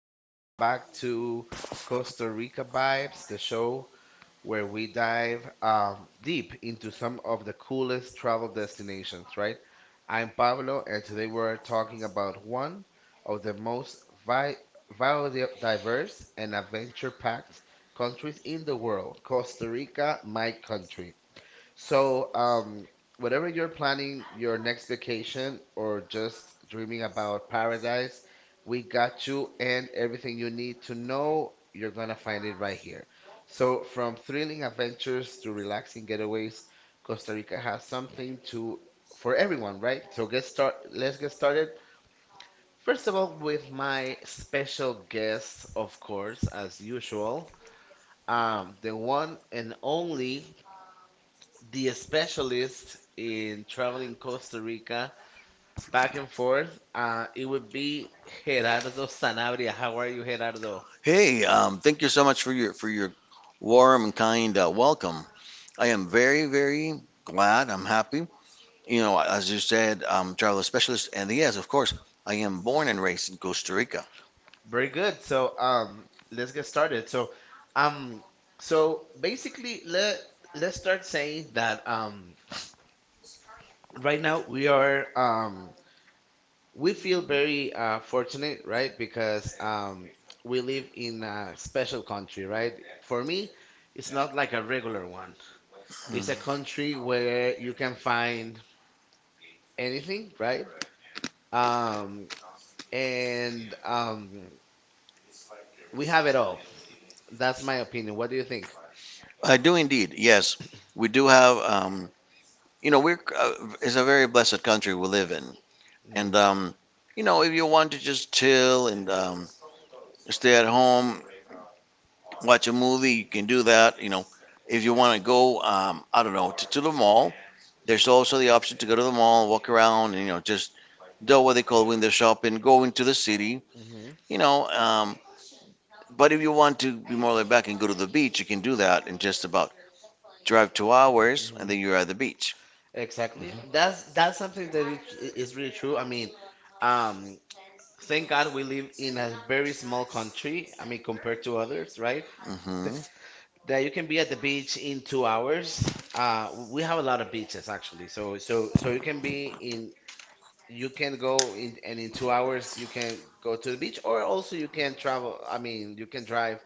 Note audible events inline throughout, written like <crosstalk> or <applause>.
Welcome back to Costa Rica Vibes, the show where we dive deep into some of the coolest travel destinations, right? I'm Pablo, and today we're talking about one of the most vi biodiverse and adventure-packed countries in the world, Costa Rica, my country. So, whatever you're planning your next vacation or just dreaming about paradise, we got you and everything you need to know. You're gonna find it right here. So, from thrilling adventures to relaxing getaways, Costa Rica has something to for everyone, right? So, get start. Let's get started. First of all, with my special guest, of course, as usual, the one and only the specialist in traveling Costa Rica back and forth, it would be Gerardo Sanabria. How are you, Gerardo? Hey, thank you so much for your warm and kind welcome. I am very, very glad. I'm happy. You know, as you said, I'm a travel specialist, and yes, of course, I am born and raised in Costa Rica. Very good. So, let's get started. So, um, so basically, let's start saying that right now we feel very fortunate, right? Because we live in a special country, right? For me, it's not like a regular one. It's a country where you can find anything, right? Um, and we have it all. That's my opinion. What do you think? I do indeed. Yes, we do have. You know, we're it's a very blessed country we live in, Mm. and you know, if you want to just chill and stay at home watch a movie. You can do that. You know, if you want to go, I don't know, to the mall, there's also the option to go to the mall, walk around, and, you know, just do what they call window shopping, go into the city, Mm-hmm. you know. But if you want to be more laid back and go to the beach, you can do that in just about drive 2 hours, and Hmm. then you're at the beach. Exactly. That's something that is really true. I mean, um, thank God we live in a very small country. I mean, compared to others, right? Hmm. Th That you can be at the beach in 2 hours. We have a lot of beaches actually. So you can go in, and in 2 hours you can go to the beach, or also you can travel, I mean, you can drive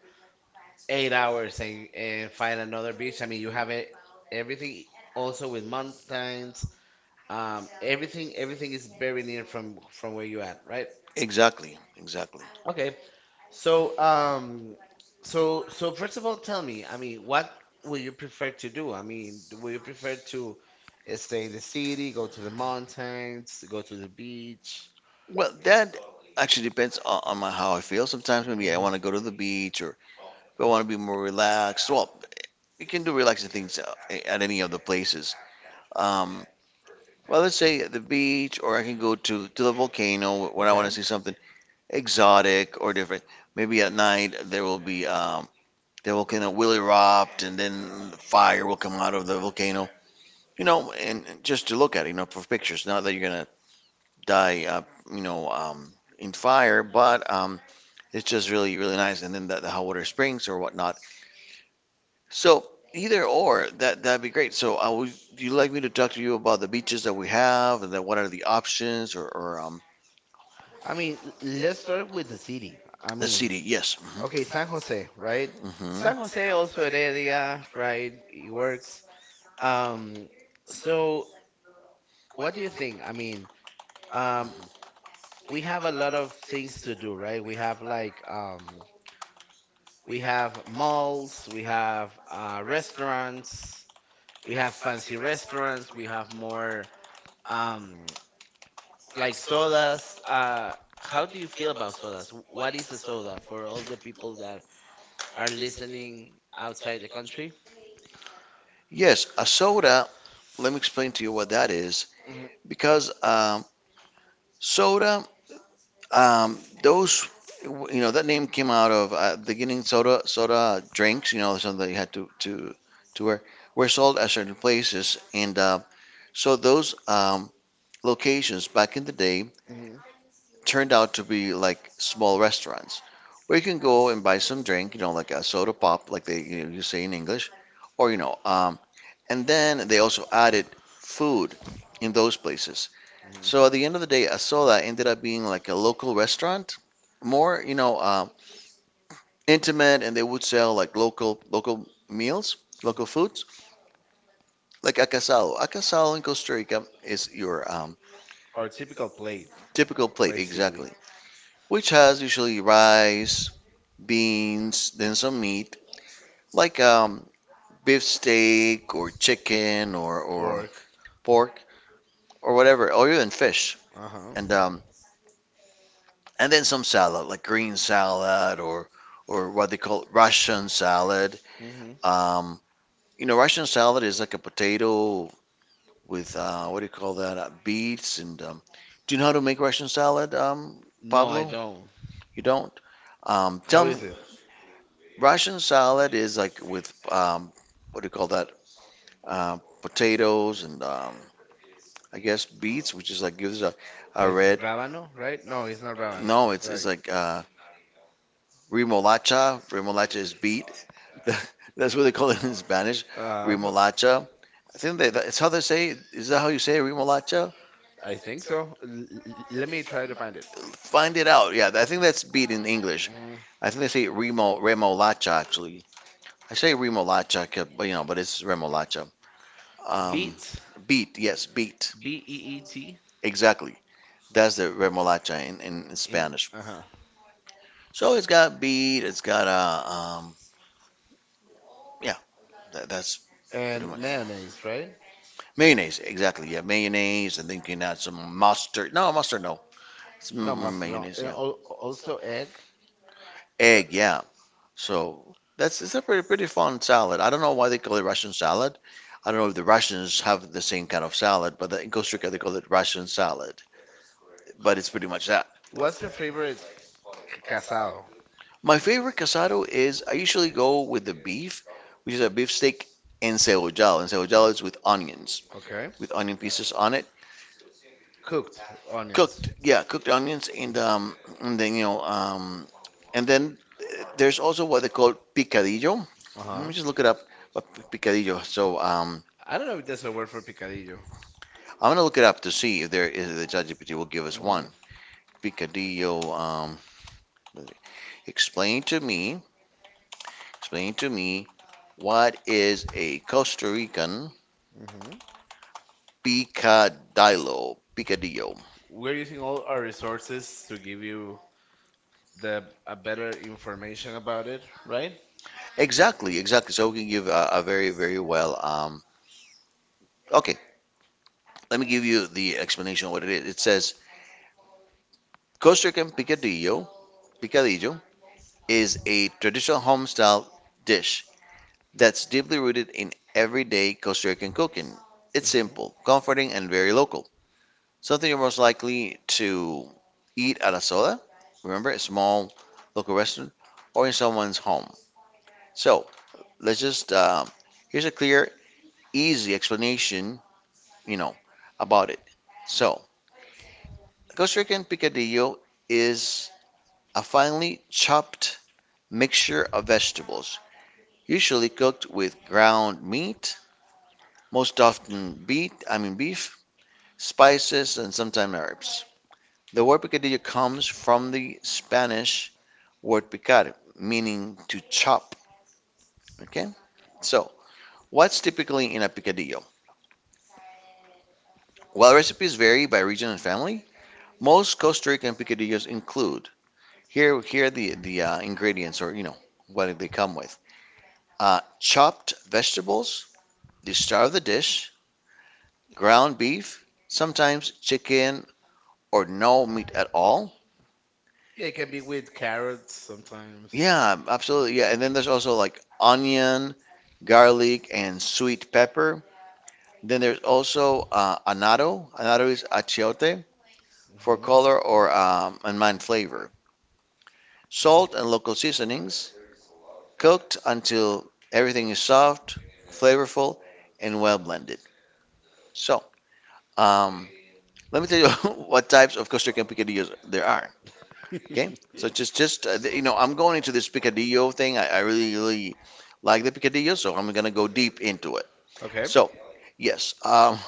8 hours, and find another beach. I mean, you have it, everything, also with mountains. Everything is very near from where you at, right? Exactly, exactly. Okay, so so first of all, tell me, I mean, what would you prefer to do? I mean, would you prefer to stay in the city, go to the mountains, go to the beach? Well, that actually depends on my, how I feel. Sometimes maybe I Mhm. want to go to the beach, or if I want to be more relaxed. Well, you can do relaxing things at any of the places. Um, well, let's say at the beach, or I can go to the volcano when I want Okay. to see something exotic or different. Maybe at night there will be the volcano will erupt, and then fire will come out of the volcano. You know, and just to look at it, you know, for pictures. Not that you're gonna die, you know, in fire, but it's just really really nice. And then the hot water springs or whatnot. So either or, that'd be great. So I would, do you like me to talk to you about the beaches that we have, and then what are the options, or I mean, let's start with the city. I the mean, city? Yes. okay, San Jose, right? Hmm, hmm. San Jose, also Heredia, right? It works. Um, so, what do you think? I mean, um, we have a lot of things to do, right? We have like we have malls, we have restaurants, we have fancy restaurants, we have more um, like sodas. How do you feel about sodas? What is a soda for all the people that are listening outside the country? Yes, a soda. Let me explain to you what that is. Mhm, Because soda, um, those, you know, that name came out of beginning soda drinks. You know, something that you had to wear were sold at certain places, and so those locations back in the day mhm. turned out to be like small restaurants where you can go and buy some drink, you know, like a soda pop, like they you, know, you say in English, or you know, and then they also added food in those places. Mhm. So at the end of the day, a soda ended up being like a local restaurant, more you know, intimate, and they would sell like local meals, local foods, like acasado. Acasado in Costa Rica is your Our typical plate, typical plate, basically. exactly, which has usually rice, beans, then some meat, like beef steak or chicken or Pork. pork or whatever, or even fish, Uh huh. and um, and then some salad, like green salad or what they call Russian salad. Mhm. Um, you know, Russian salad is like a potato with what do you call that? Beets and do you know how to make Russian salad, No, I Pablo? don't. You don't? Tell How me, is it? Russian salad is like with what do you call that? Potatoes, and I guess beets, which is like gives a Like red. rábano, right? No, it's not rabano. No, It's it's like, like remolacha. Remolacha is beet. <laughs> That's what they call it in Spanish, uh, remolacha. I think that, that's how they say it. Is that how you say it, remolacha? I think so. Let me try to find it. Find it out. Yeah, I think that's beet in English. Mm, I think they say remolacha actually. I say remolacha, 'cause- but you know, but it's remolacha. Um, beet. beet, yes, beet. B E E T. Exactly. That's the remolacha in in Spanish. uh huh. So it's got beet, it's got um, yeah, that, that's pretty And much mayonnaise, right? mayonnaise. Exactly, yeah, mayonnaise, and then you can add some mustard. No, mustard, no, it's No, m- must not. mayonnaise, And yeah. Also egg, right? Egg, yeah. So that's it's a pretty pretty fun salad. I don't know why they call it Russian salad. I don't know if the Russians have the same kind of salad, but in Costa Rica they call it Russian salad. But it's pretty much that. What's your favorite casado? My favorite casado is I usually go with the beef, which is a beef steak encebollado. Encebollado is with onions. Okay. With onion pieces on it, Cooked onions. cooked, yeah, cooked onions, and then you know, and then there's also what they call picadillo. Uh Let huh. me just look it up. uh, Picadillo. So I don't know if there's a word for picadillo. I'm gonna look it up to see if there is the ChatGPT will give us Hmm. one. Picadillo. Explain to me. Explain to me what is a Costa Rican Mm-hmm. picadillo. Picadillo. We're using all our resources to give you the a better information about it, right? Exactly. Exactly. So we can give a very very well. Okay. Let me give you the explanation of what it is. It says Costa Rican picadillo, picadillo is a traditional home style dish that's deeply rooted in everyday Costa Rican cooking. It's Mm-hmm. simple, comforting, and very local. Something you're most likely to eat at a soda, remember, a small local restaurant, or in someone's home. So let's just, here's a clear, easy explanation, you know, about it. So, Costa Rican picadillo is a finely chopped mixture of vegetables, usually cooked with ground meat, most often beef, I mean beef, spices, and sometimes herbs. The word picadillo comes from the Spanish word picar, meaning to chop. Okay? So, what's typically in a picadillo? While recipes vary by region and family, most Costa Rican picadillos include here the ingredients or you know what they come with. Chopped vegetables, the star of the dish, ground beef, sometimes chicken or no meat at all. Yeah, it can be with carrots sometimes. Yeah, absolutely. Yeah, and then there's Mm. also like onion, garlic, and sweet pepper. Then there's also annatto. Annatto is achiote for Mhm. color or and mind flavor. Salt and local seasonings, cooked until everything is soft, flavorful, and well blended. So, um, let me tell you <laughs> what types of Costa Rican picadillos there are. Okay, so it's just <laughs> just uh, you know, I'm going into this picadillo thing. I really really like the picadillo, so I'm gonna go deep into it. Okay. So yes,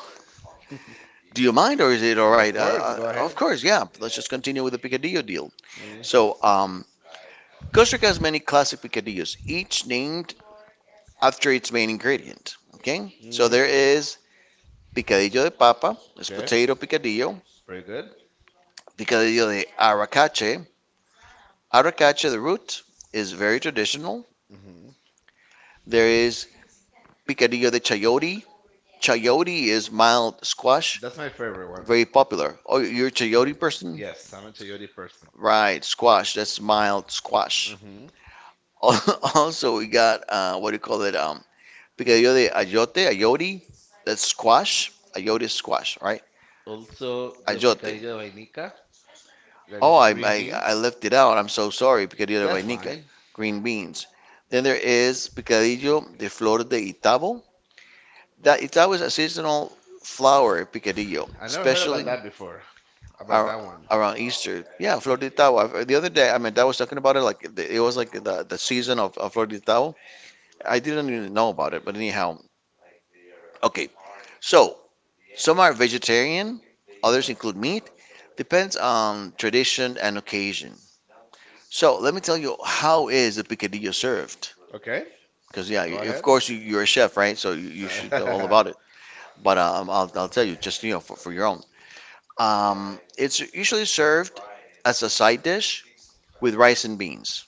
do you mind or is it all right? Of course, go Of ahead. course, yeah. Let's just continue with the picadillo deal. Mm, So Costa Rica has many classic picadillos, each named after its main ingredient. Okay, so mm, there is picadillo de papa, it's okay, potato picadillo, pretty good. picadillo de aracache. Aracache, the root, is very traditional. Hmm. There is picadillo de chayote, chayote is mild squash, That's my favorite one. very popular. Oh, you're a chayote person? Yes, Yes. I'm a chayote person. Right, squash. That's mild squash. Hmm. <laughs> Also, we got what do you call it? Picadillo de ayote, ayote. That's squash. Ayote is squash, right? Also, the do Ayote. picadillo de vainica, that is Oh, green I beans. left it out. I'm so sorry. Picadillo de That's vainica, fine. green beans. Then there is picadillo de flor de Itabo. That Itabo is a seasonal flower, picadillo, I never heard about especially. that before, about Ar that one. around Easter. Yeah, Flor de Tao. The other day, I mean, I was talking about it like the- it was like the season of Flor de Tao. I didn't even know about it, but anyhow, okay. So some are vegetarian, others include meat. Depends on tradition and occasion. So let me tell you how is the picadillo served? Okay. Because yeah, Go you- of ahead. course you, you're a chef, right? So you, <laughs> you Make it should know all flawless. about it. But I'll tell you just you know for your own. It's usually served as a side dish with rice and beans,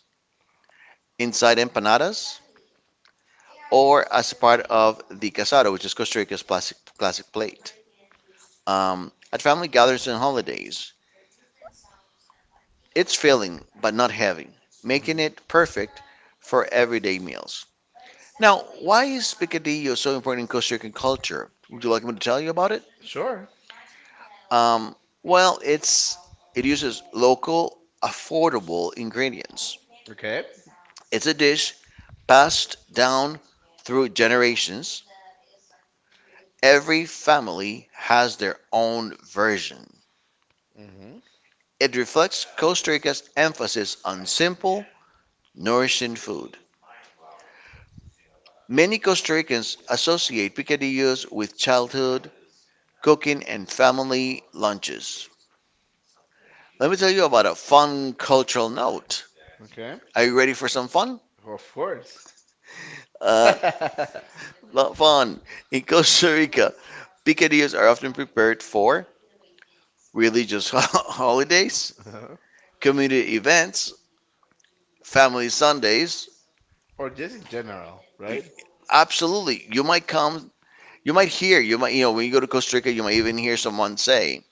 inside empanadas or as part of the casado, which is Costa Rica's classic plate. At family gatherings and holidays, it's filling but not heavy, making Mhm. it perfect for everyday meals. Now, why is picadillo so important in Costa Rican culture? Would you like me to tell you about it? Sure. Um, well, it uses local, affordable ingredients. Okay. It's a dish passed down through generations. Every family has their own version. Mhm. It reflects Costa Rica's emphasis on simple, nourishing food. Many Costa Ricans associate picadillos with childhood, cooking, and family lunches. Let me tell you about a fun cultural note. Okay. Are you ready for some fun? Of course. Uh, <laughs> Uh, fun. In Costa Rica, picadillos are often prepared for religious <laughs> holidays, Uh-huh. community events, family Sundays. Or just in general, right? Absolutely. You might come, you might hear, you might, you know, when you go to Costa Rica, you might even hear someone say,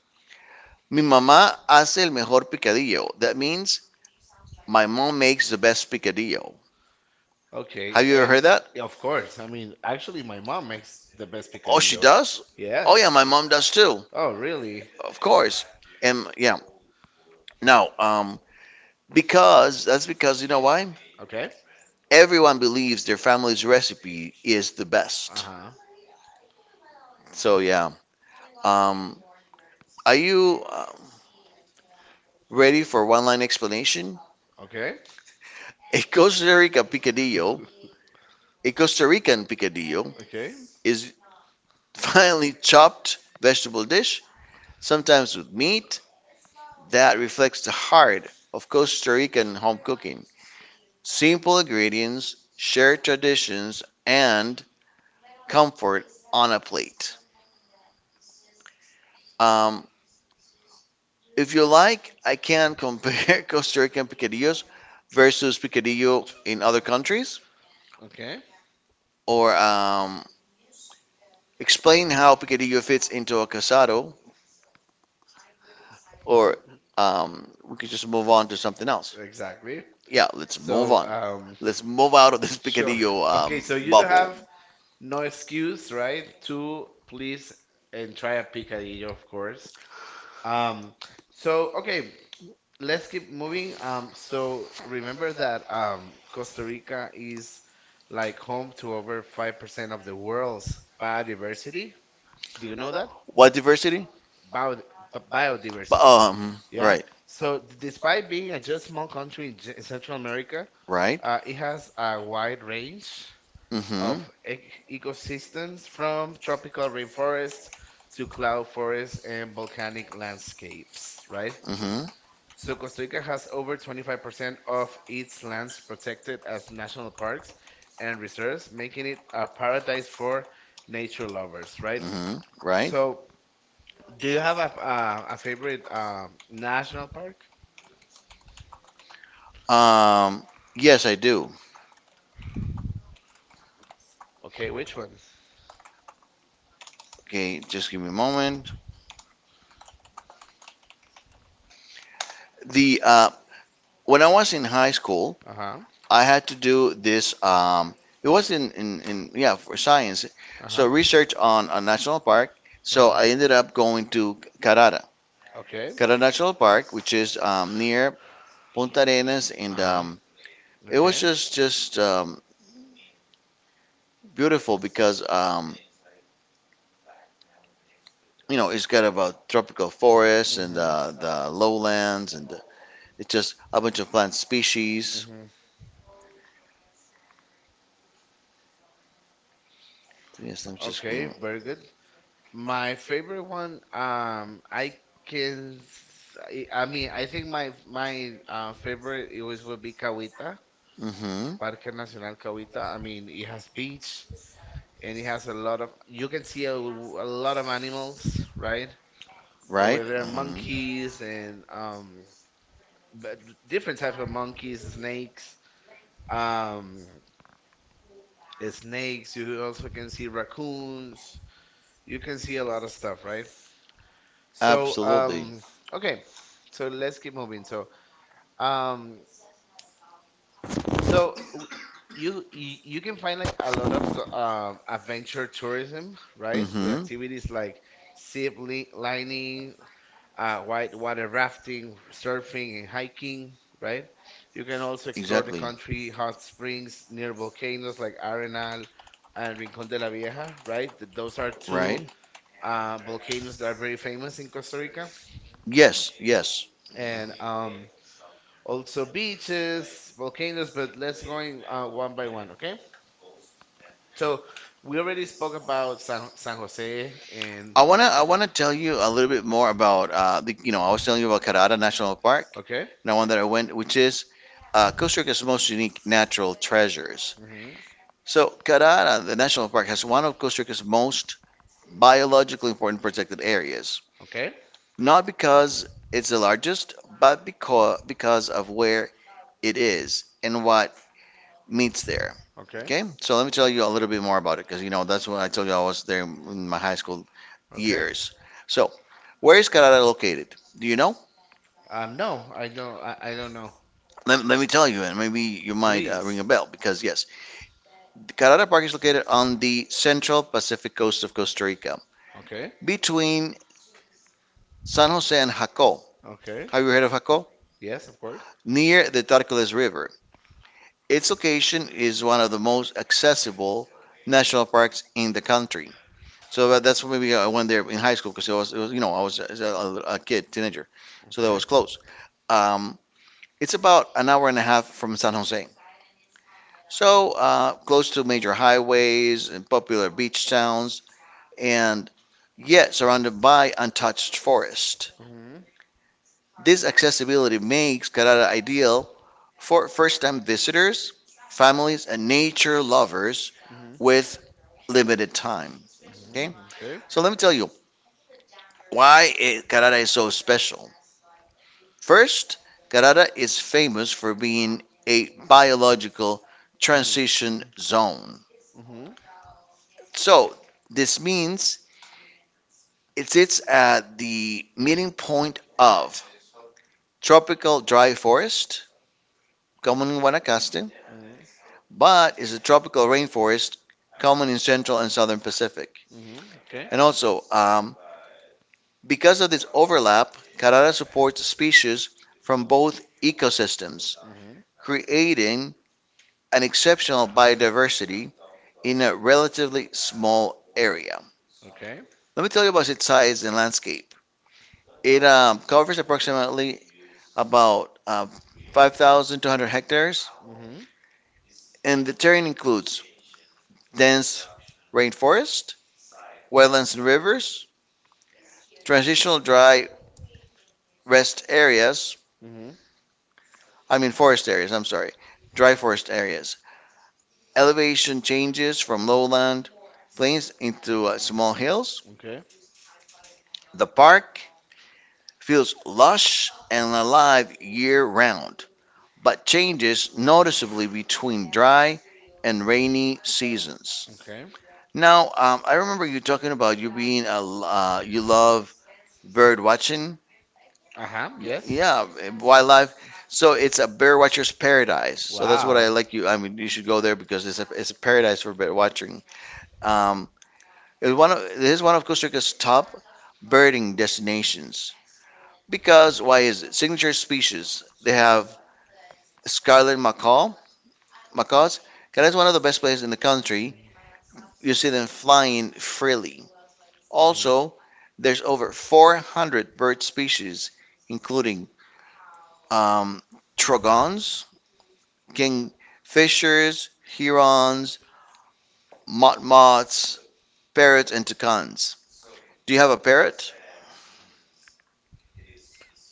Mi mamá hace el mejor picadillo. That means my mom makes the best picadillo. I Okay. Have you ever And heard that? yeah, of course, I mean, actually, my mom makes the best. Oh, she Oh, she picadillo. Oh, does? Oh, yeah, yes. my mom does Yeah. too. Oh, really? Of course. And yeah, now, because that's because, you know why? Okay. Everyone believes their family's recipe is the best. Uh-huh. So, yeah. Um, are you ready for one line explanation? Okay. <laughs> A Costa Rica picadillo <laughs> A Costa Rican picadillo Okay. is finely chopped vegetable dish, sometimes with meat, that reflects the heart of Costa Rican home cooking. Simple ingredients, shared traditions, and comfort on a plate. Um, if you like, I can compare <laughs> Costa Rican picadillos versus picadillo in other countries, Okay. or explain how picadillo fits into a casado, or we could just move on to something else. Exactly. Yeah, let's move So, on. Let's move out of this sure. Picadillo <laughs> Okay, so you don't bubble. have no excuse, right? To please and try a picadillo, of course. Um, so, okay, let's keep moving. So remember that Costa Rica is like home to over 5% of the world's biodiversity. Do you know that? What diversity? Bio b- But, Biodiversity. Yeah. right, So, despite being a just small country in Central America, right. It has a wide range of Mm-hmm, ec ecosystems, from tropical rainforests to cloud forests and volcanic landscapes, right? So Costa Rica has over 25% of its lands protected as national parks and reserves, making it a paradise for nature lovers, mm-hmm, right? mm-hmm, right. So, do you have a favorite national park? Um, yes, I do. Okay, which one? Okay, just give me a moment. The When I was in high school, Uh-huh. I had to do this. It was in yeah for science. Uh-huh. So research on a national park. So Uh-huh. I ended up going to Carrara, Okay. Carrara National Park, which is near Punta Arenas, and Uh-huh. It was Okay. just beautiful because it's got about tropical forests and Mm-hmm. The lowlands, and it's just a bunch of plant species. Mm-hmm. Yes, I'm just. Okay, very good. My favorite one, I mean, I think my favorite it was would be Cahuita, Mm-hmm. Parque Nacional Cahuita. I mean, it has beach, and it has a lot of, you can see a lot of animals, right? Right. Over there, Hmm. monkeys, and but different types of monkeys, um, snakes. You also can see raccoons. You can see a lot of stuff, right? So, Absolutely. Okay. So, let's keep moving. So, um, so w- you can find like a lot of adventure tourism, right? With Mm-hmm. activities like zip lining, white water rafting, surfing, and hiking, right? You can also explore the Exactly. country, hot springs near volcanoes like Arenal and Rincón de la Vieja, right? Those are two Right? Volcanoes that are very famous in Costa Rica, Yes, yes. and also beaches, volcanoes. But let's go in, one by one, okay? So, we already spoke about San Jose, and I wanna tell you a little bit more about the, you know I was telling you about Carrara National Park, okay, the one that I went, which is Costa Rica's most unique natural treasures. hmm, So Carrara, the national park, has one of Costa Rica's most biologically important protected areas. okay, Not because it's the largest, but because of where it is and what meets there. okay, Okay, so let me tell you a little bit more about it because that's when I told you I was there in my high school okay. years. So, where is Carrara located? Do you know? No, I don't. I don't know. Let me tell you, and maybe you might ring Please. a bell because yes, Carrara Park is located on the central Pacific coast of Costa Rica, Okay. between San Jose and Jaco. Okay. Have you heard of Jaco? Yes, of course. Near the Tarcoles River. Its location is one of the most accessible national parks in the country. So that's maybe I went there in high school because it was, I was kid, teenager, so that Okay. was close. Um, it's about an hour and a half from San Jose, so close to major highways and popular beach towns, and yet surrounded by untouched forest. Mhm. This accessibility makes Carrara ideal for first-time visitors, families, and nature lovers Mhm. with limited time. Okay, Mhm. Okay. so let me tell you why Carrara is so special. First, Carrara is famous for being a biological transition zone. Mm-hmm. So, this means it sits at the meeting point of tropical dry forest, common in Guanacaste, Mm-hmm. but is a tropical rainforest, common in central and southern Pacific. Mm-hmm. Okay. And also, because of this overlap, Carrara supports species from both ecosystems, Mm-hmm. creating an exceptional biodiversity in a relatively small area. Okay. Let me tell you about its size and landscape. It covers approximately about 5,200 hectares, Mm-hmm. and the terrain includes dense rainforest, wetlands and rivers, transitional dry rest areas, Mm-hmm. I mean forest areas, I'm sorry, dry forest areas. Elevation changes from lowland plains into small hills. Okay. The park feels lush and alive year round, but changes noticeably between dry and rainy seasons. Okay. Now, I remember you talking about you being you love bird watching. Uh-huh. Yes. Yeah, wildlife. So it's a bird watcher's paradise. So that's what Wow. I like you. I I mean, you should go there because it's a paradise for bird watching. Um, it is one of Costa Rica's top birding destinations because why is it? Signature species. They Mm. have scarlet macaw, macaws. That is one of the best places in the country. Mm-hmm. You see them flying freely. Also, there's over 400 bird species, including um, trogons, kingfishers, herons, motmots, parrots, and toucans. Do you have a parrot?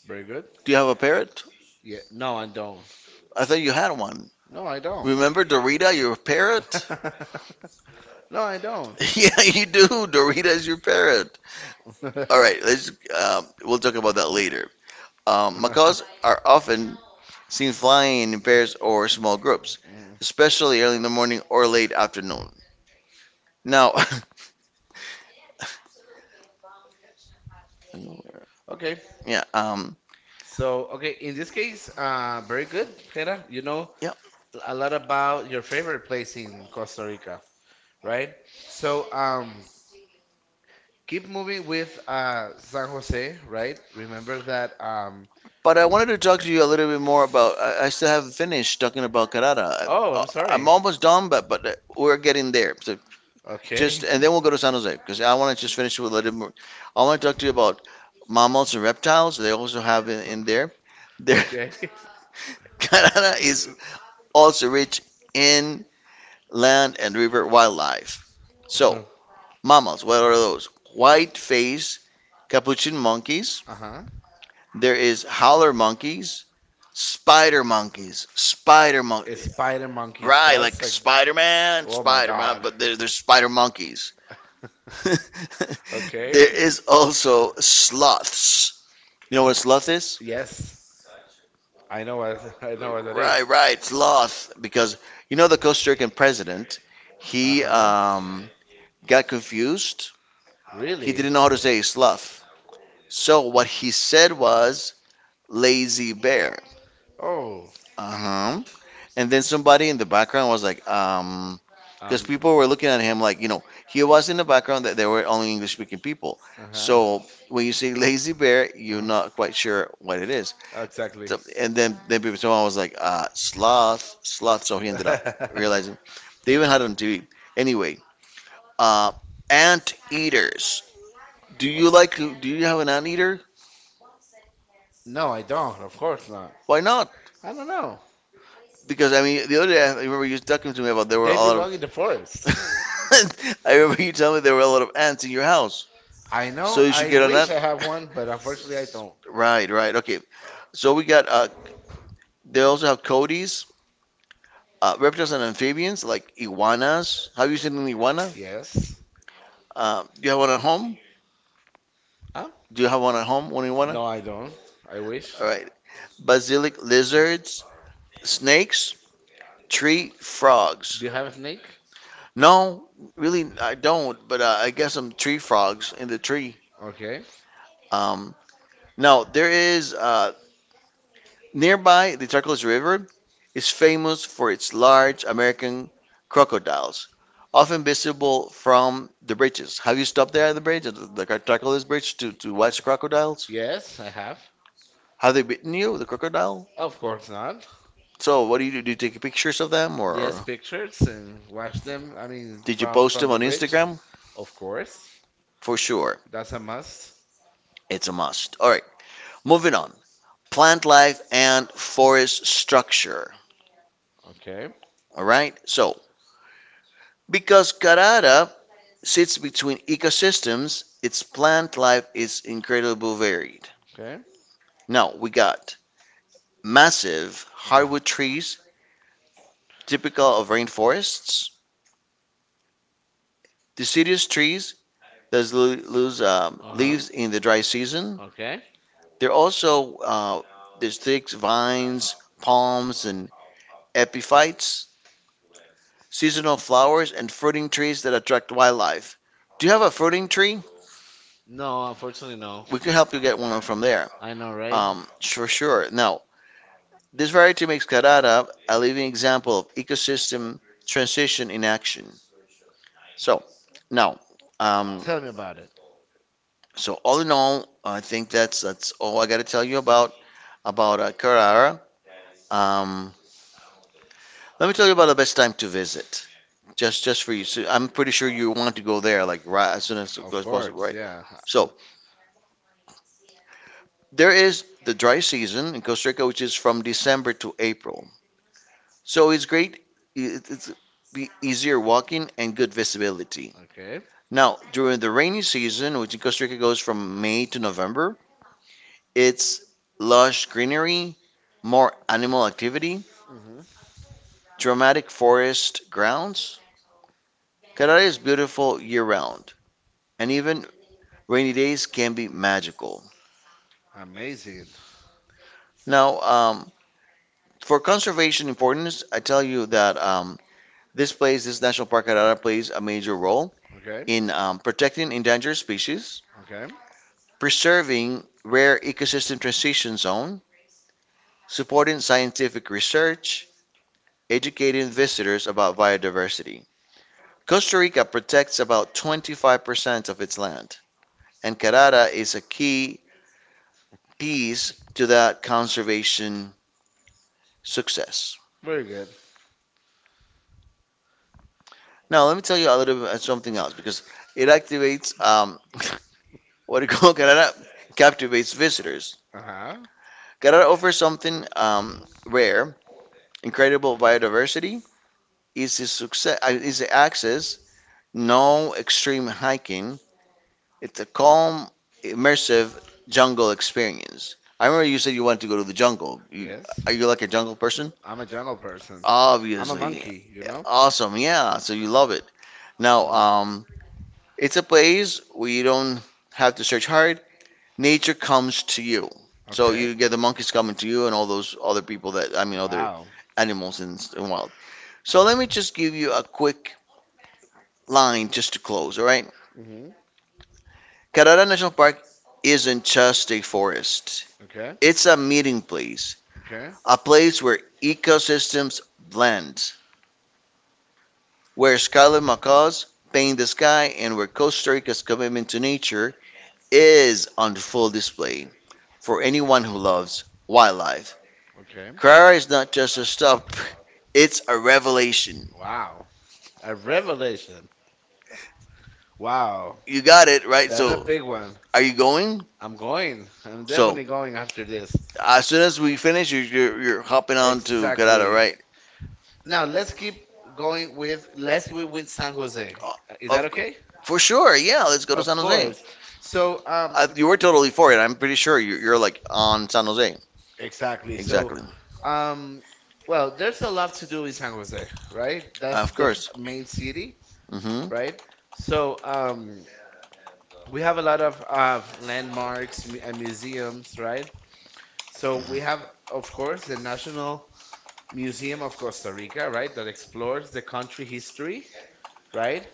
Very good. Do you have a parrot? Yeah. No, I don't. I thought you had one. No, I don't. Remember Dorita, your parrot? Remember? <laughs> No, I don't. <laughs> Yeah, you do. Dorita is your parrot. All right, <laughs> let's. We'll talk about that later. All right. <laughs> Macaws are <laughs> often seen flying in pairs or small groups, Mm. especially early in the morning or late afternoon. Now, Okay. <laughs> yeah, So, okay, in this case, very good, Hera. You know yeah. a lot about your favorite place in Costa Rica, right? So, keep moving with San Jose, right? Remember that. But I w- wanted to talk to you a little bit more about. I still haven't finished talking about Carrara. I, oh, oh, I'm I, am sorry. almost done, but but we're getting there. So okay. Just Okay. and then we'll go to San <laughs> Jose because I want to just finish with a little more. I want to talk to you about mammals and reptiles. They also have in there. There, Okay. <laughs> <laughs> Canada is also rich in land and river wildlife. So mammals, what are those? White faced capuchin monkeys. Uh-huh. There is howler monkeys, spider monkeys, spider monkeys. Spider Monkeys. Right, That's like like, Spider Man, oh my Spider Man, god. but there's spider monkeys. <laughs> There Okay. is also sloths. You know what a sloth is? Yes, I know what, <laughs> I know what that is. Right, right, sloth. Because you know the Costa Rican president, Uh he huh. Got confused. He Really? didn't know how to say sloth. So what he said was Lazy Bear. Oh. Uh-huh. And then somebody in the background was like, because Um. people were looking at him like, he was in the background that there were only English speaking people. Uh huh. So when you say <laughs> Lazy Bear, you're Uh-huh. not quite sure what it is. Exactly. <laughs> So, and then people someone was like, sloth, sloth. So he ended up realizing they even had it on TV. Anyway, uh, ant eaters. Do you like? Do you have an ant eater? No, I don't. Of course not. Why not? I don't know. Because I mean the other day I remember you talking to me about there were a They lot of belong in the <laughs> forest. I remember you telling me there were a lot of ants in your house. I So know. you should I get on wish I have that. <laughs> one, but unfortunately, I don't. Don't. Right, right. Okay. So we got they also have codes, reptiles and amphibians like iguanas. Have you seen an iguana? Yes. Do you have one at home? Huh? Do you have one at home, one iguana? No, I don't. Don't. I wish. All right. Basilic lizards, snakes, tree Do frogs. you have a snake? No, really I don't, but I guess some tree frogs in the tree. Okay. Um, Now there is nearby the Charcos River is famous for its large American crocodiles, often visible from the bridges. Have you stopped there at the bridge, at the Charcos Bridge, to watch crocodiles? Yes, I have. Have they bitten you, the crocodile? Of course not. So what do you do? Do you take pictures of them, or Yes, pictures and watch them. I mean, did you from post from them the on bridge. Instagram? Of course, For sure, that's a must. it's a must. All right, moving on. Plant life and forest structure. Okay. All right, so because Carrara sits between ecosystems, its plant life is incredibly varied. Okay. Now, we got massive Uh, hardwood trees, typical of rainforests, deciduous trees that lose Uh huh. leaves in the dry season. Okay. There are also There's thick vines, palms, and epiphytes, seasonal flowers, and fruiting trees that attract wildlife. Do you have a fruiting tree? No, unfortunately, no. We can help you get one from there. I know, right? For sure. Now, this variety makes Karara a living example of ecosystem transition in action. So now, um, Tell me about it. so all in all, I think that's all I got to tell you about about Carrara. Um, Let me tell you about the best time to visit, just for you. So I'm pretty sure you want to go there like right as soon as Of possible, course, right? yeah. So there is the dry season in Costa Rica, which is from December to April. So it's great. It's be easier walking and good visibility. Okay. Now, during the rainy season, which in Costa Rica goes from May to November, it's lush greenery, more animal activity, Mm-hmm. dramatic forest grounds. Carrara is beautiful year round, and even rainy days can be magical. Amazing. Now, for conservation importance, I tell you that this place, this National Park Carrara, plays a major role Okay. in protecting endangered species, Okay. preserving rare ecosystem transition zone, supporting scientific research, educating visitors about biodiversity. Costa Rica protects about 25% of its land, and Carrara is a key piece to that conservation success. Very good. Now, let me tell you a little bit of something else because it activates <laughs> what do you call Carrara captivates visitors. Uh-huh. Carrara offers something rare, incredible biodiversity, easy success, easy access, no extreme hiking. It's a calm, immersive jungle experience. I remember you said you wanted to go to the jungle. Yes. Are you like a jungle person? I'm a jungle person. I'm a Obviously. monkey, you know? Awesome. Yeah. So you love it. Now, Mm. It's a place where you don't have to search hard. Nature comes to you. So Okay. you get the monkeys coming to you and all those other people that, I mean, other Wow. animals in wild. So let me just give you a quick line just to close, all right? Mm-hmm. Carrara National Park isn't just a forest. Okay. It's a meeting place. Okay. A place where ecosystems blend, where scarlet macaws paint the sky, and where Costa Rica's commitment to nature is on full display for anyone who loves wildlife. Okay. Carrara is not just a stop, it's a revelation. Wow. A revelation. Wow, You got it, right? That's, that's a so, Joe. a Big big one. one. Are you going? I'm going. I'm Well, So, definitely going. going after this. As soon as we finish, you're hopping on to Carrara, Exactly. right? Now let's keep going with let's keep with San Jose. Is that Okay. okay? For For sure, yeah, let's go to Of San Jose. course. So, I You were totally for it. I'm pretty sure you're like on San Jose. Exactly. So, Exactly. So, um, well, there's a lot to do in San Jose, right? That's Of the course. main city, Mm-hmm. right? So, we have a lot of landmarks and museums, right? So, we have, of course, the National Museum of Costa Rica, right, that explores the country history, right,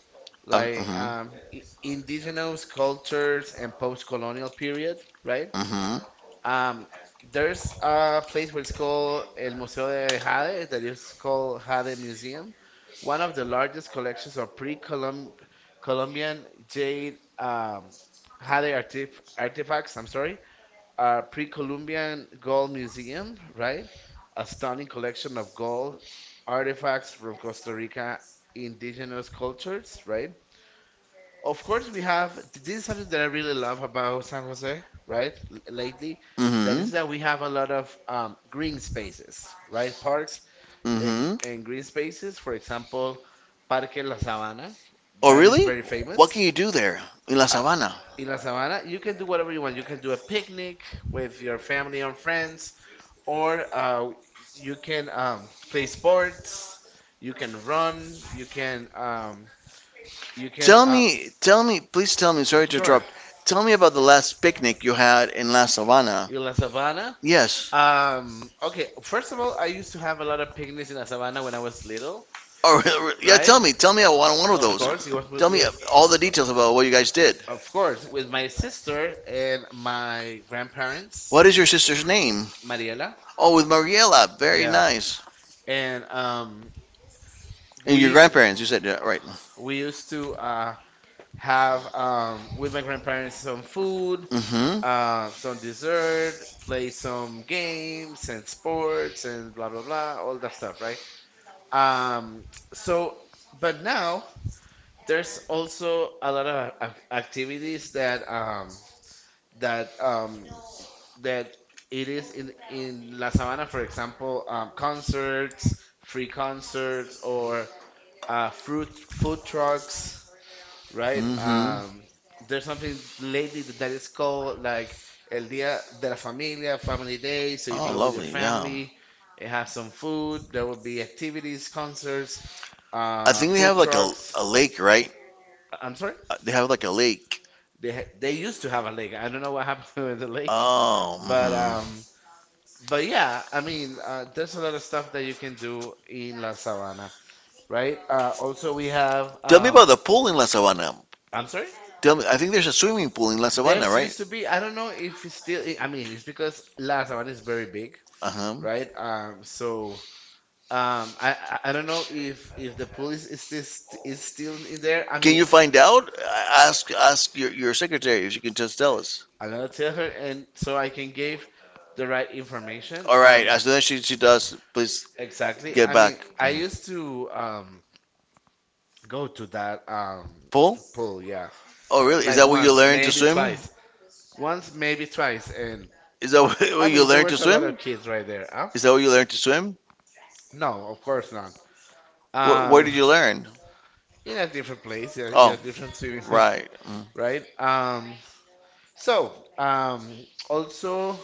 Like Mhm. Indigenous cultures and post-colonial period, right. Mm-hmm. Um, there's a place where it's called El Museo de Jade, that is called Jade Museum, one of the largest collections of pre-Columbian jade, Jade artifacts. I'm sorry, a pre-Columbian gold museum, right? A stunning collection of gold artifacts from Costa Rica indigenous cultures, right? Of course, we have this is something that I really love about San Jose, right? Lately, that Mm-hmm. is that we have a lot of green spaces, right? Parks and Mm-hmm. and green spaces. For example, Parque La Sabana, Oh, that is really? very What can famous, you do there in La uh, Sabana? in La verdad. Sabana, you can do whatever you want. You can do a picnic with your family and friends, or you can play sports. You can run. You can Tell me, please tell me. Sorry to Sure. interrupt. Tell me about the last picnic you had in La Sabana. In La Sabana, Yes. Okay. First of all, I used to have a lot of picnics in La Sabana when I was little, Or yeah, right? Tell me on one of Of those. course, it was Tell with, me with all the details about what you guys did. Of course, with my sister and my grandparents. What is your sister's name? Mariela. Oh, with Mariela. Very Yeah. nice. And um, And And your we grandparents, you said, yeah, right. we used to have with my grandparents some food, Mm-hmm. Some dessert, play some games and sports and blah blah blah, all that stuff, right? Um, so, but now there's also a lot of activities that um, that it is in La Sabana, for example, concerts, free concerts, or fruit food trucks, right? Mm-hmm. There's something lately that is called like El Dia de la Familia, Family Day, so you can Oh, go with your lovely. Yeah. family and have some food. There will be activities, concerts, I think they food have like a, trucks. a lake, right? I'm sorry. They have like a lake. They used to have a lake. I don't know what happened <laughs> with the lake, Oh. but Hmm. But yeah, I mean, there's a lot of stuff that you can do in La Sabana, right? Also, we have. Tell me about the pool in La Sabana. I'm sorry? Tell me, I think there's a swimming pool in La Sabana, There's right? used to be, I don't know if it's still, I mean, it's because La Sabana is very big, Uh huh. right? I don't know if the police is this is still in there. I Can mean, you find out? Ask your secretary if she can just tell us. I'm gonna tell her, and so I can give the right information. All right. As soon as she does, please Exactly. get I back. mean, I used to go to that Paul. pool, yeah. Oh, really? Is Like that what you once, learned to maybe swim? twice. Once, maybe twice, and Is that what I what <laughs> you mean there learned to was a lot of swim? kids right there, huh? Is that what you learned to swim? No, of course not. Where Um did you learn? in a different place, yeah, in a Oh, different swimming pool, right. <laughs> right. Right? Um Also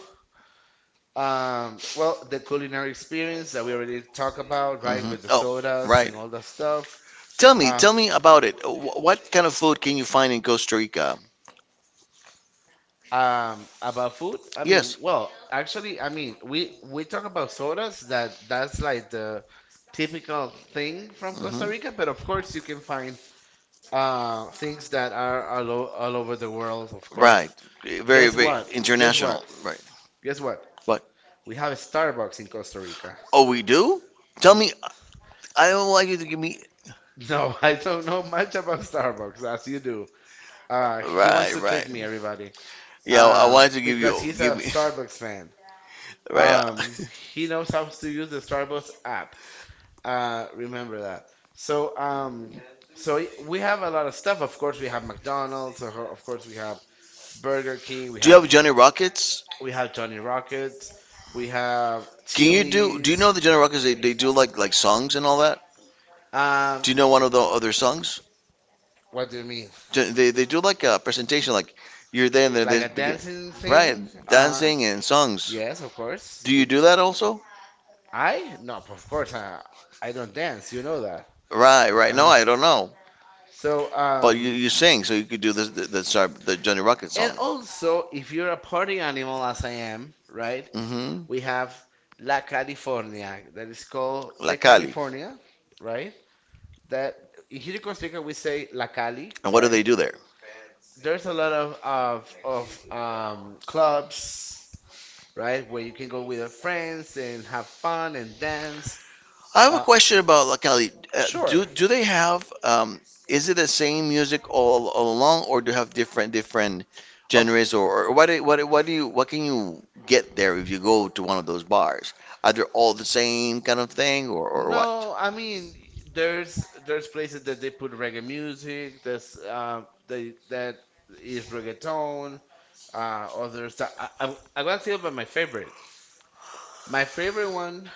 well the culinary experience that we already talked about, Mm. right, Hmm. with the Oh, sodas right. and all that stuff. Uh Tell me about it. What kind of food can you find in Costa Rica? About food, I mean, Yes. well, actually, I mean, we talk about sodas that that's like the typical thing from Costa Rica, Hmm. but of course you can find things that are all, all over the world, of course. Right. Very, Guess very what? Guess what? international. Right. Guess what? What? We have a Starbucks in Costa Rica. Oh, we do? Tell W- me. I don't want you to give me. No, <laughs> I don't know much about Starbucks as you do. He wants Right, to trick me, right. everybody. Yeah, I wanted to give Because you. he's a Give me. Starbucks <laughs> fan. Right. Um, he knows how to use the Starbucks app. Remember that. So, um, we have a lot of stuff. Of course, we have McDonald's. Of course, we have Burger King. <laughs> Do you have Johnny Rockets? We have Johnny Rockets. We have Can you do? Do you Chili's. know the Johnny Rockets? They do like songs and all that. Um, Do you know one of the other songs? what do you mean? They do like a presentation, like you're there and then Like they a begin, dancing right, thing? Uh-huh. dancing and songs. Yes, of course. Do you do that also? I? No, of course I. I don't dance. You know that. Right, right. No, Uh-huh. I don't know. So, But you, um. you sing, so you could do this the Johnny Rocket song. And also, if you're a party animal, as I am, right, Mm-hmm. we have La California, that is called La the Cali. California, right? That in here in Costa Rica we say La Cali, And what do they right? do there? There's a lot of clubs, right, where you can go with your friends and have fun and dance. I have a Uh, question about locality. Do sure, do they have, is it the same music all along, or do you have different of genres, or what can you get there if you go to one of those bars? Are they all the same kind of thing, or what? no, I mean there's places that they put reggae music. There's they that is reggaeton. Others that I, I'm gonna tell you about my favorite. My favorite one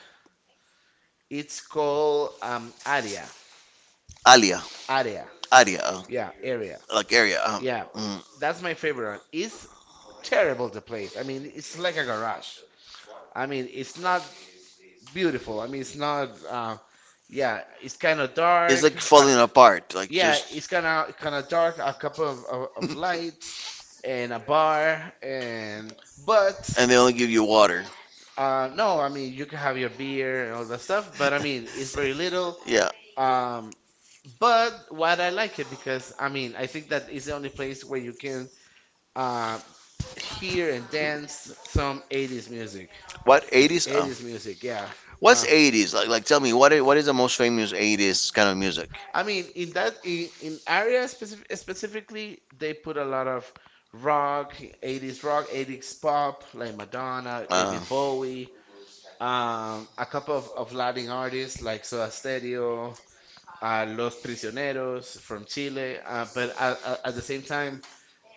it's called Aria. Alia, Aria. area, Yeah, area. like area. Yeah, Mm. that's my favorite one. It's terrible the place. I mean, it's like a garage. I mean, it's not beautiful. I mean, it's not. Yeah, it's kind of It's dark. like falling apart, like Yeah, just. it's <laughs> kind of dark, a couple of lights and a bar and but And they only give you water. <laughs> No, I mean you can have your beer and all that stuff, but I mean it's very little. Yeah. Um, but what I like it because I mean I think that is the only place where you can uh, hear and dance some 80s music. What 80s? 80s music, yeah. What's Uh, 80s? Like tell me what is the most famous 80s kind of music? I mean, in area specific, specifically, they put a lot of rock, 80s rock, 80s pop, like Madonna, Uh, David Bowie, a couple of Latin artists like Soda Stereo, Los Prisioneros from Chile. But At the same time,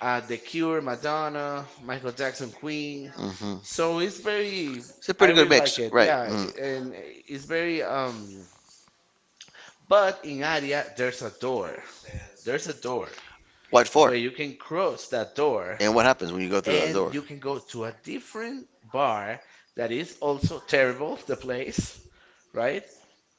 The Cure, Madonna, Michael Jackson, Queen. hmm. So it's very, It's a I pretty good really like mix, it. right? Yeah, Mm. and it's very But in area, there's a door. There's a door What for? where you can cross that door And what happens when you go through that and door? you can go to a different bar that is also terrible, the place, right?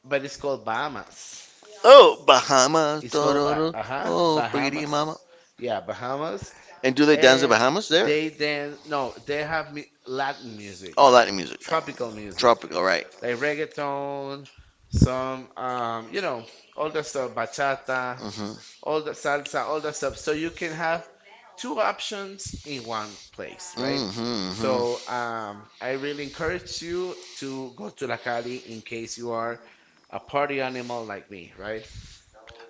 But it's called Bahamas. Oh, Bahamas, It's called ba- Tororo, uh-huh, oh, pretty Bahamas. mama. Yeah, Bahamas. And do they dance the And Bahamas there? they then No, they have Latin music, Oh, Latin music. tropical music, Tropical, right? like reggaeton, some you know, all that stuff, bachata, Mm-hmm. all the salsa, all the stuff. So you can have two options in one place, right? Mm-hmm. Mm-hmm. I really encourage you to go to La Cali in case you are a party animal like me, right?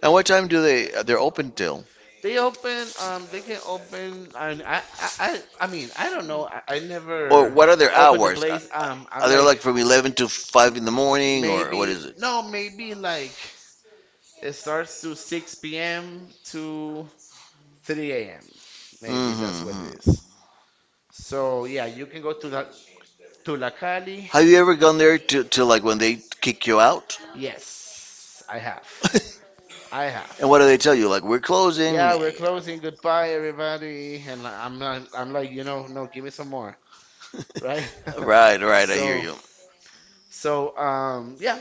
And what time do they're open till? They open, they can open, and I don't know. I Or, never, never what are their opened the hours? Place. Calculate. Are I'm they like, like from 11 to 5 m- in the morning or what maybe maybe, is it? no, maybe like it starts to 6 p.m. to 3 a.m. Maybe that's what Mm-hmm. it is. So yeah, you can go to that Tulacali. Have Are you you ever gone there to like when they kick you out? Yes, I have. <laughs> I have. And what do they tell you? Like we're closing. Yeah, we're closing. Goodbye, everybody. I'm like, you know, no, give me some more, <laughs> No, right? right? <laughs> Right, Right, right, I hear so So, you. Yeah.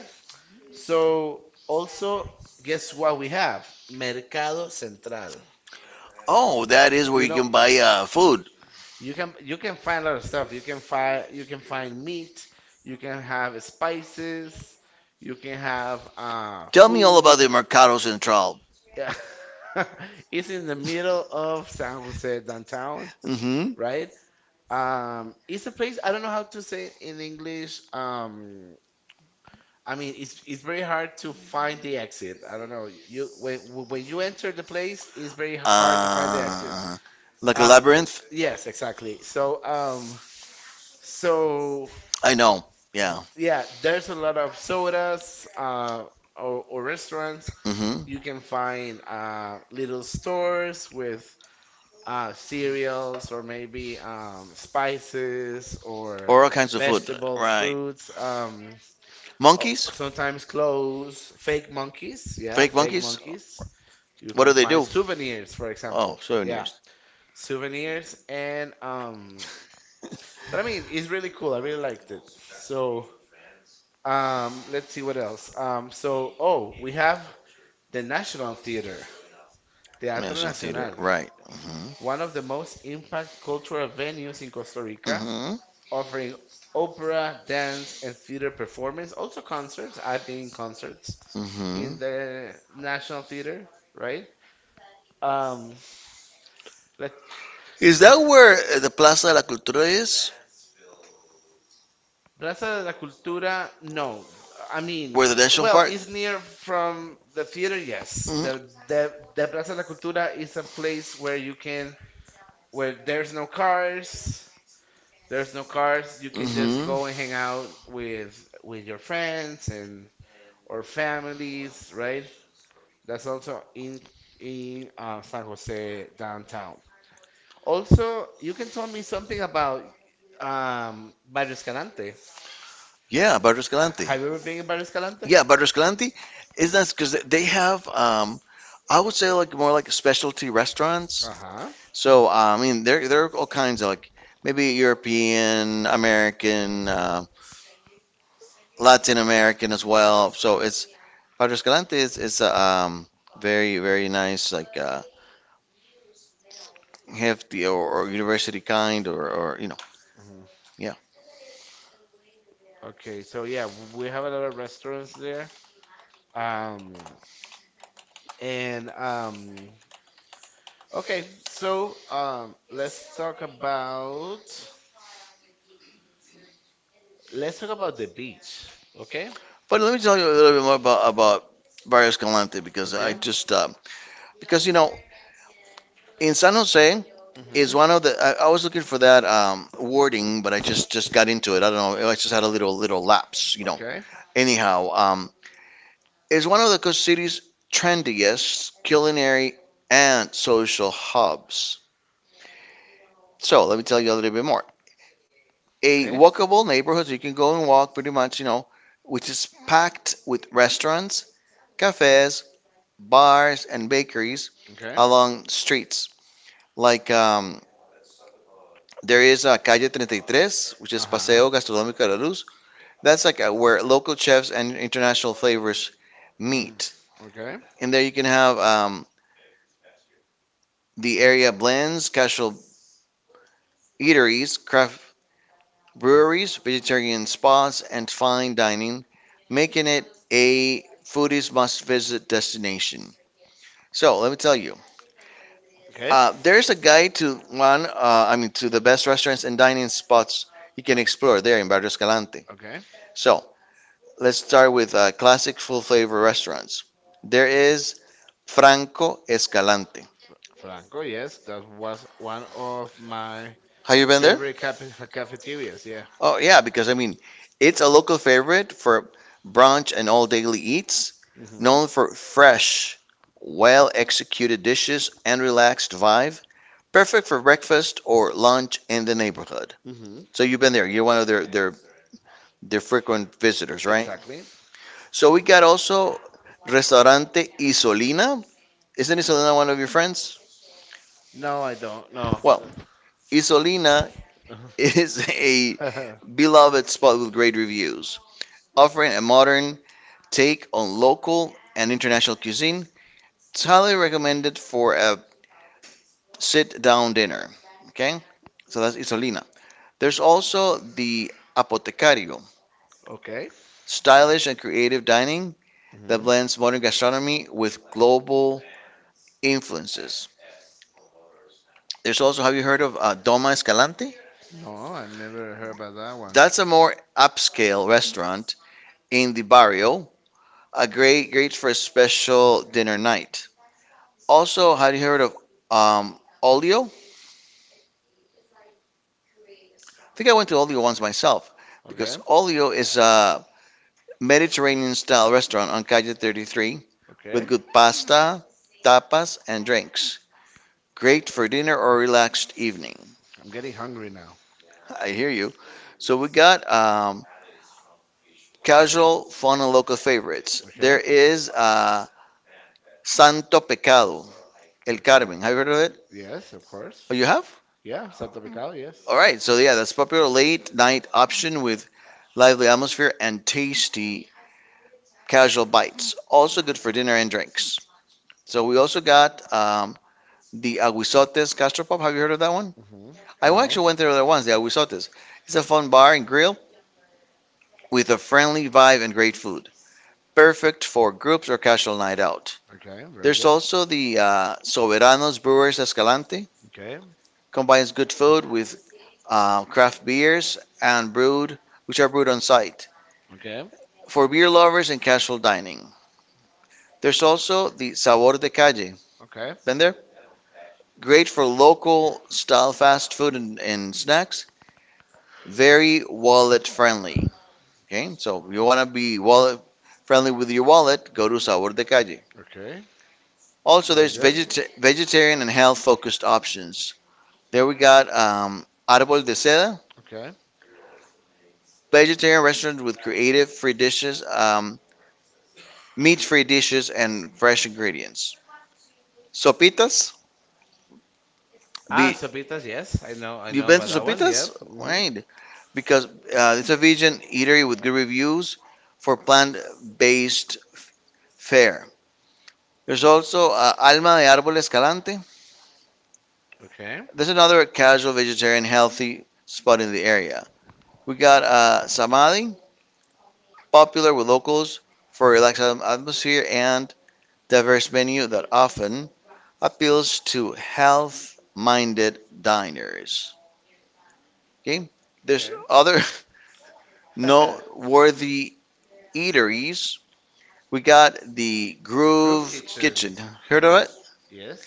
So also, guess what we have? Mercado Central. Oh, that is where You you know, can buy, food. you can find a lot of stuff. You can find meat. You can have spices. You can have Tell me all about food. the Mercado Central. Yeah. <laughs> It's in the middle of San Jose downtown, Mm-hmm. right? It's It's a place I don't know how to say it in English. I mean, it's very hard to find the exit. I don't know. You When you enter the place, it's very hard to find the exit. Uh, like a Uh, labyrinth? yes, exactly. So I know. Yeah. yeah, there's a lot of sodas, or restaurants. Hmm. You can find little stores with cereals or maybe spices or Or all kinds of food. vegetables, Right. fruits. O- Monkeys? Sometimes clothes, fake monkeys. Yeah, Fake fake monkeys? monkeys? Monkeys. You What What can do Where they find do? from? Souvenirs, for Oh, Oh, example. Yeah, souvenirs. souvenirs and But I mean, it's really cool. I really liked it. So, let's see what else. Oh, we have the National Theater, <laughs> Teatro National Theater. Nacional, Right. Hmm. one of the most impact cultural venues in Costa Rica, Hmm. offering opera, dance, and theater performance. Also concerts. I've been in concerts Hmm. in the National Theater, right? Um, let's Is that where, the Plaza de la Cultura is? Plaza de la Cultura, no. I mean, Where the national well, park? it's near from the theater, yes. Mhm. The Plaza de la Cultura is a place where you can, where there's no cars, you can just Mhm. go and hang out with your friends and or families, right? That's also in San Jose downtown. Also, you can tell me something about Barrio Escalante. Yeah, Barrio Escalante. Have you ever been in Barrio Escalante? Yeah, Barrio Escalante is nice because they have, I would say like more like specialty restaurants. Uh-huh. So, I mean, there are all kinds of like maybe European, American, Latin American as well. So it's Barrio Escalante is a, very very nice like, hefty or university kind, or you know, Mhm. yeah. Okay, so yeah, we have a lot of restaurants there. Um, and okay, let's talk about the beach. Okay? But let me tell you a little bit more about Barrio Escalante because I Okay. just, because you know in San Jose is Mhm. one of the I was looking for that, wording, but I just got into it, I don't know, I just had a little lapse, you know. Okay. Anyhow, is one of the coast city's trendiest culinary and social hubs, so let me tell you a little bit more. A Okay. walkable neighborhood, so you can go and walk pretty much, you know, which is packed with restaurants, cafes, bars, and bakeries Okay. along streets. Like, there is a Calle 33, which is Uh-huh. Paseo Gastronómico de la Luz. That's like, where local chefs and international flavors Mm. meet. Okay. And there you can have, the area blends casual eateries, craft breweries, vegetarian spas, and fine dining, making it a foodies must visit destination. So let me tell you, Okay. There's a guide to one, I mean, to the best restaurants and dining spots you can explore there in Barrio Escalante. Okay. So let's start with, classic full flavor restaurants. There is Franco Escalante. Franco, yes, that was one of my Have you been there? favorite cafeterias. Yeah. Oh yeah, because I mean, it's a local favorite for brunch and all daily eats, Hmm. known for fresh, well-executed dishes and relaxed vibe, perfect for breakfast or lunch in the neighborhood. Hmm. So you've been there. You're one of their frequent visitors, right? Exactly. So we got also Restaurante Isolina. Isn't Isolina one of your friends? No, I don't. No. Well, Isolina I is <laughs> a don't. beloved spot with great reviews, offering a modern take on local and international cuisine. It's highly recommended for a sit-down dinner. Okay, so that's Isolina. There's also the Apotecario, <laughs> Okay. stylish and creative dining that Hmm. blends modern gastronomy with global influences. There's also, have you heard of, Doma Escalante? No, I never heard about that one. That's a more upscale restaurant in the barrio, a great for a special dinner night. Also, have you heard of, um, Olio? I think I went to Olio once myself Okay. because Olio is a Mediterranean style restaurant on Calle 33 with Okay. good pasta, tapas, and drinks. Great for dinner or relaxed evening. I'm getting hungry now. I hear you. So we got, casual, fun, and local favorites. There Okay. is, Santo Pecado, El Okay. Carmen. Have you heard of it? Yes, of course. Oh, you have? Yeah, Santa Pical, yes. All right. So yeah, that's popular late night option with lively atmosphere and tasty casual bites. Also good for dinner and drinks. So we also got, the Aguizotes Gastropub. Have you heard of that one? Hmm. I No. actually went there once, the Aguizotes. It's a fun bar and grill with a friendly vibe and great food. Perfect for groups or casual night out. Okay, very There's good. also the, Soberanos Brewers Escalante. Okay. Combines good food with, craft beers and brewed, which are brewed on site. Okay. For beer lovers and casual dining. There's also the Sabor de Calle. Okay. Been there? Great for local style fast food and snacks, very wallet friendly. Okay, so if you want to be wallet friendly with your wallet, go to Sabor de Calle. Okay. Also, Very there's good. Vegetarian and health focused options. There we got, Árbol de Seda, Okay. vegetarian restaurant with creative free dishes, meat free dishes, and fresh ingredients. Sopitas, ah, Ah, sopitas. Sopitas, yes. Yes, I I know, know. I I you've know, know been about to that one. Sopitas? Yep. Mhm. Right. Because, it's a vegan eatery with good reviews for plant based fare. There's also, Alma de Árbol Escalante. Okay. There's another casual vegetarian healthy spot in the area. We got, Samadhi, popular with locals for a relaxed atmosphere and diverse menu that often appeals to health-minded diners. Okay. There's Okay. other <laughs> <laughs> noteworthy eateries. We got the The Groove Groove Kitchen. Kitchen. Heard of it? Yes.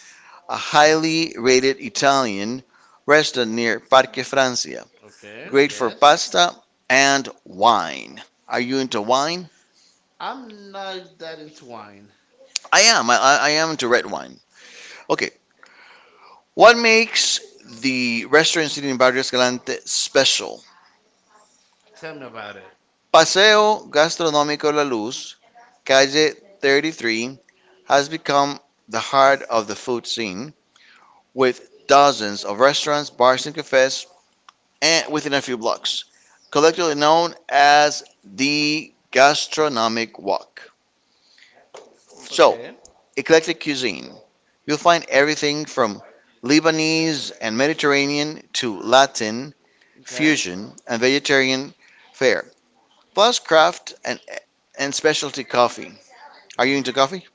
A highly rated Italian restaurant near Parque Francia. Okay. Great for Yes. pasta and wine. Are you into wine? I'm not that into wine. I am. I am into red wine. Okay. What makes the restaurant sitting in Barrio Escalante special? Tell me about it. Paseo Gastronómico La Luz, Calle 33, has become the heart of the food scene with dozens of restaurants, bars, and cafes and within a few blocks, collectively known as the Gastronomic Walk. So, Okay. eclectic cuisine. You'll find everything from Lebanese and Mediterranean to Latin, Okay. fusion, and vegetarian fare, plus craft and specialty coffee. Are you Mhm. into coffee?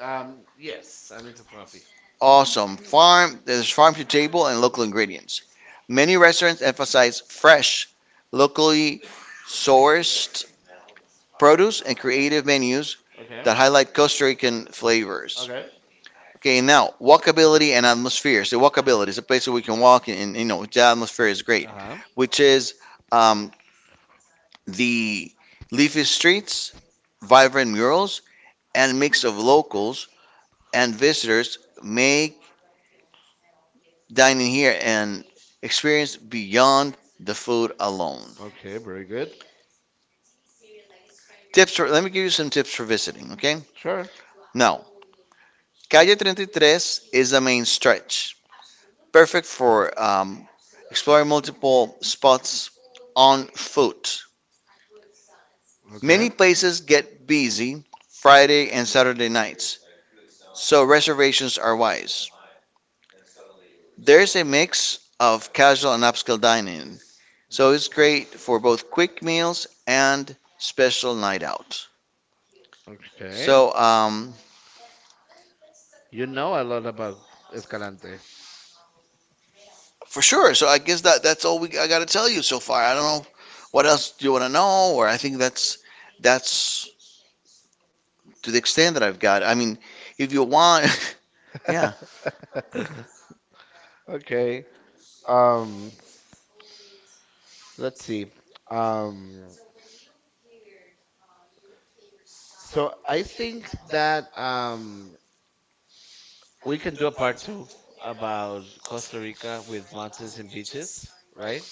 Yes, I'm into coffee. Awesome. Farm, there's farm to table and local ingredients. Many restaurants emphasize fresh, locally sourced produce and creative menus Okay. that highlight Costa Rican flavors. Okay. Okay, now walkability and atmosphere. So walkability is a place where we can walk, and you know the atmosphere is Uh great, huh. which is, um, the leafy streets, vibrant murals, and mix of locals and visitors make dining here an experience beyond the food alone. Okay. Very good. Tips for, let me give you some tips for visiting. Okay, Sure. now Calle 33 is the main stretch, perfect for, exploring multiple spots on foot. Okay. Many places get busy Friday and Saturday nights, so reservations are wise. There's a mix of casual and upscale dining, so it's great for both quick meals and special night out. Okay. So, You know a lot about Escalante. for sure. So I guess that's all we I got to tell you so far. I don't know what else do you want to know, or I think that's to the extent that I've got. I mean, if you want, <laughs> yeah. <laughs> Okay. Um, let's see. Um, I think that we can do a part two about Costa Rica with mountains and beaches, right?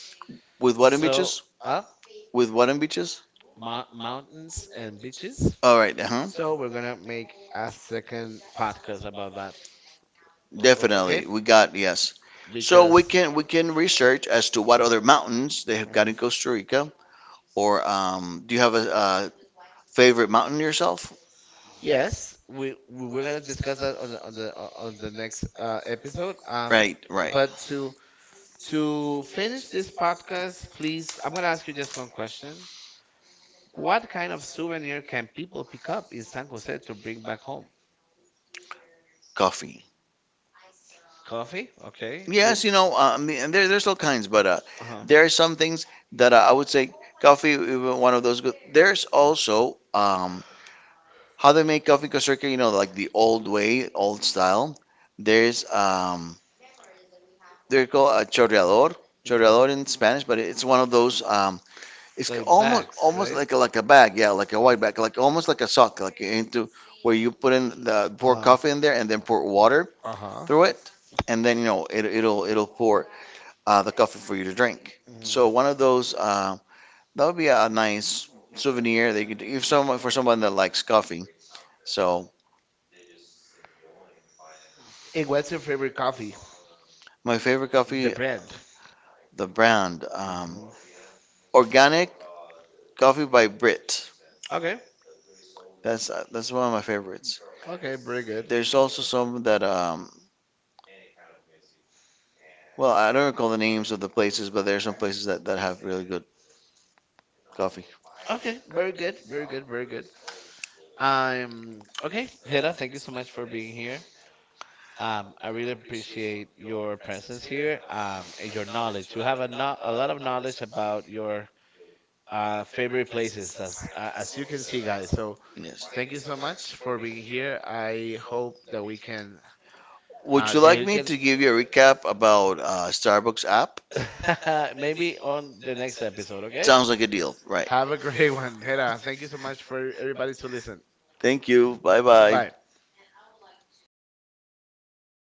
With what and So, beaches? up With what and beaches? Mountains and beaches. All right. Uh huh. So we're gonna make a second podcast about that. O- o- okay? Definitely, we got yes. So we Because can we can research as to what other mountains they have got Mm. in Costa Rica, or, do you have a favorite mountain yourself? Yes, we were gonna discuss that on the on the next episode. Right, right. But To finish this podcast, please, I'm gonna ask you just one question. What kind of souvenir can people pick up in San Jose to bring back home? Coffee. Coffee? Okay. Well, Yes, you know, I mean, and there's all kinds, but, uh-huh. there are some things that, I would say coffee, even one of those good. There's also, how they make coffee in Costa Rica, you know, like the old way, old style. There's, they're called a chorreador, chorreador in Spanish, but it's one of those. Mhm. It's Like almost bags, almost right? Like a bag, yeah, like a white bag, like almost like a sock, like into Like where you put in the Uh pour huh. coffee in there and then pour water Uh huh. through it, and then you know it, it'll pour, the coffee for you to drink. Mm. So one of those, that would be a nice souvenir that you could, if someone, for someone that likes coffee. So And what's your favorite coffee? The my favorite coffee, brand. the brand, Hmm. organic coffee by Brit. Okay. That's one of my favorites. Okay. Very good. There's also some that, well, I don't recall the names of the places, but there's some places that have really good coffee. Okay. Very good. Very good. Very good. Okay, Hera. Thank you so much for being here. I really appreciate your presence here. And your knowledge. You have a a lot of knowledge about your favorite places, as you can see, guys. So, Yes. thank you so much for being here. I hope that we can Would you like they me can to give you a recap about, Starbucks app? <laughs> maybe on the next episode. <laughs> Okay. Sounds like a deal, right? Have a great <laughs> one, Hera. Thank you so much for everybody to listen. Thank you. Bye bye. Bye.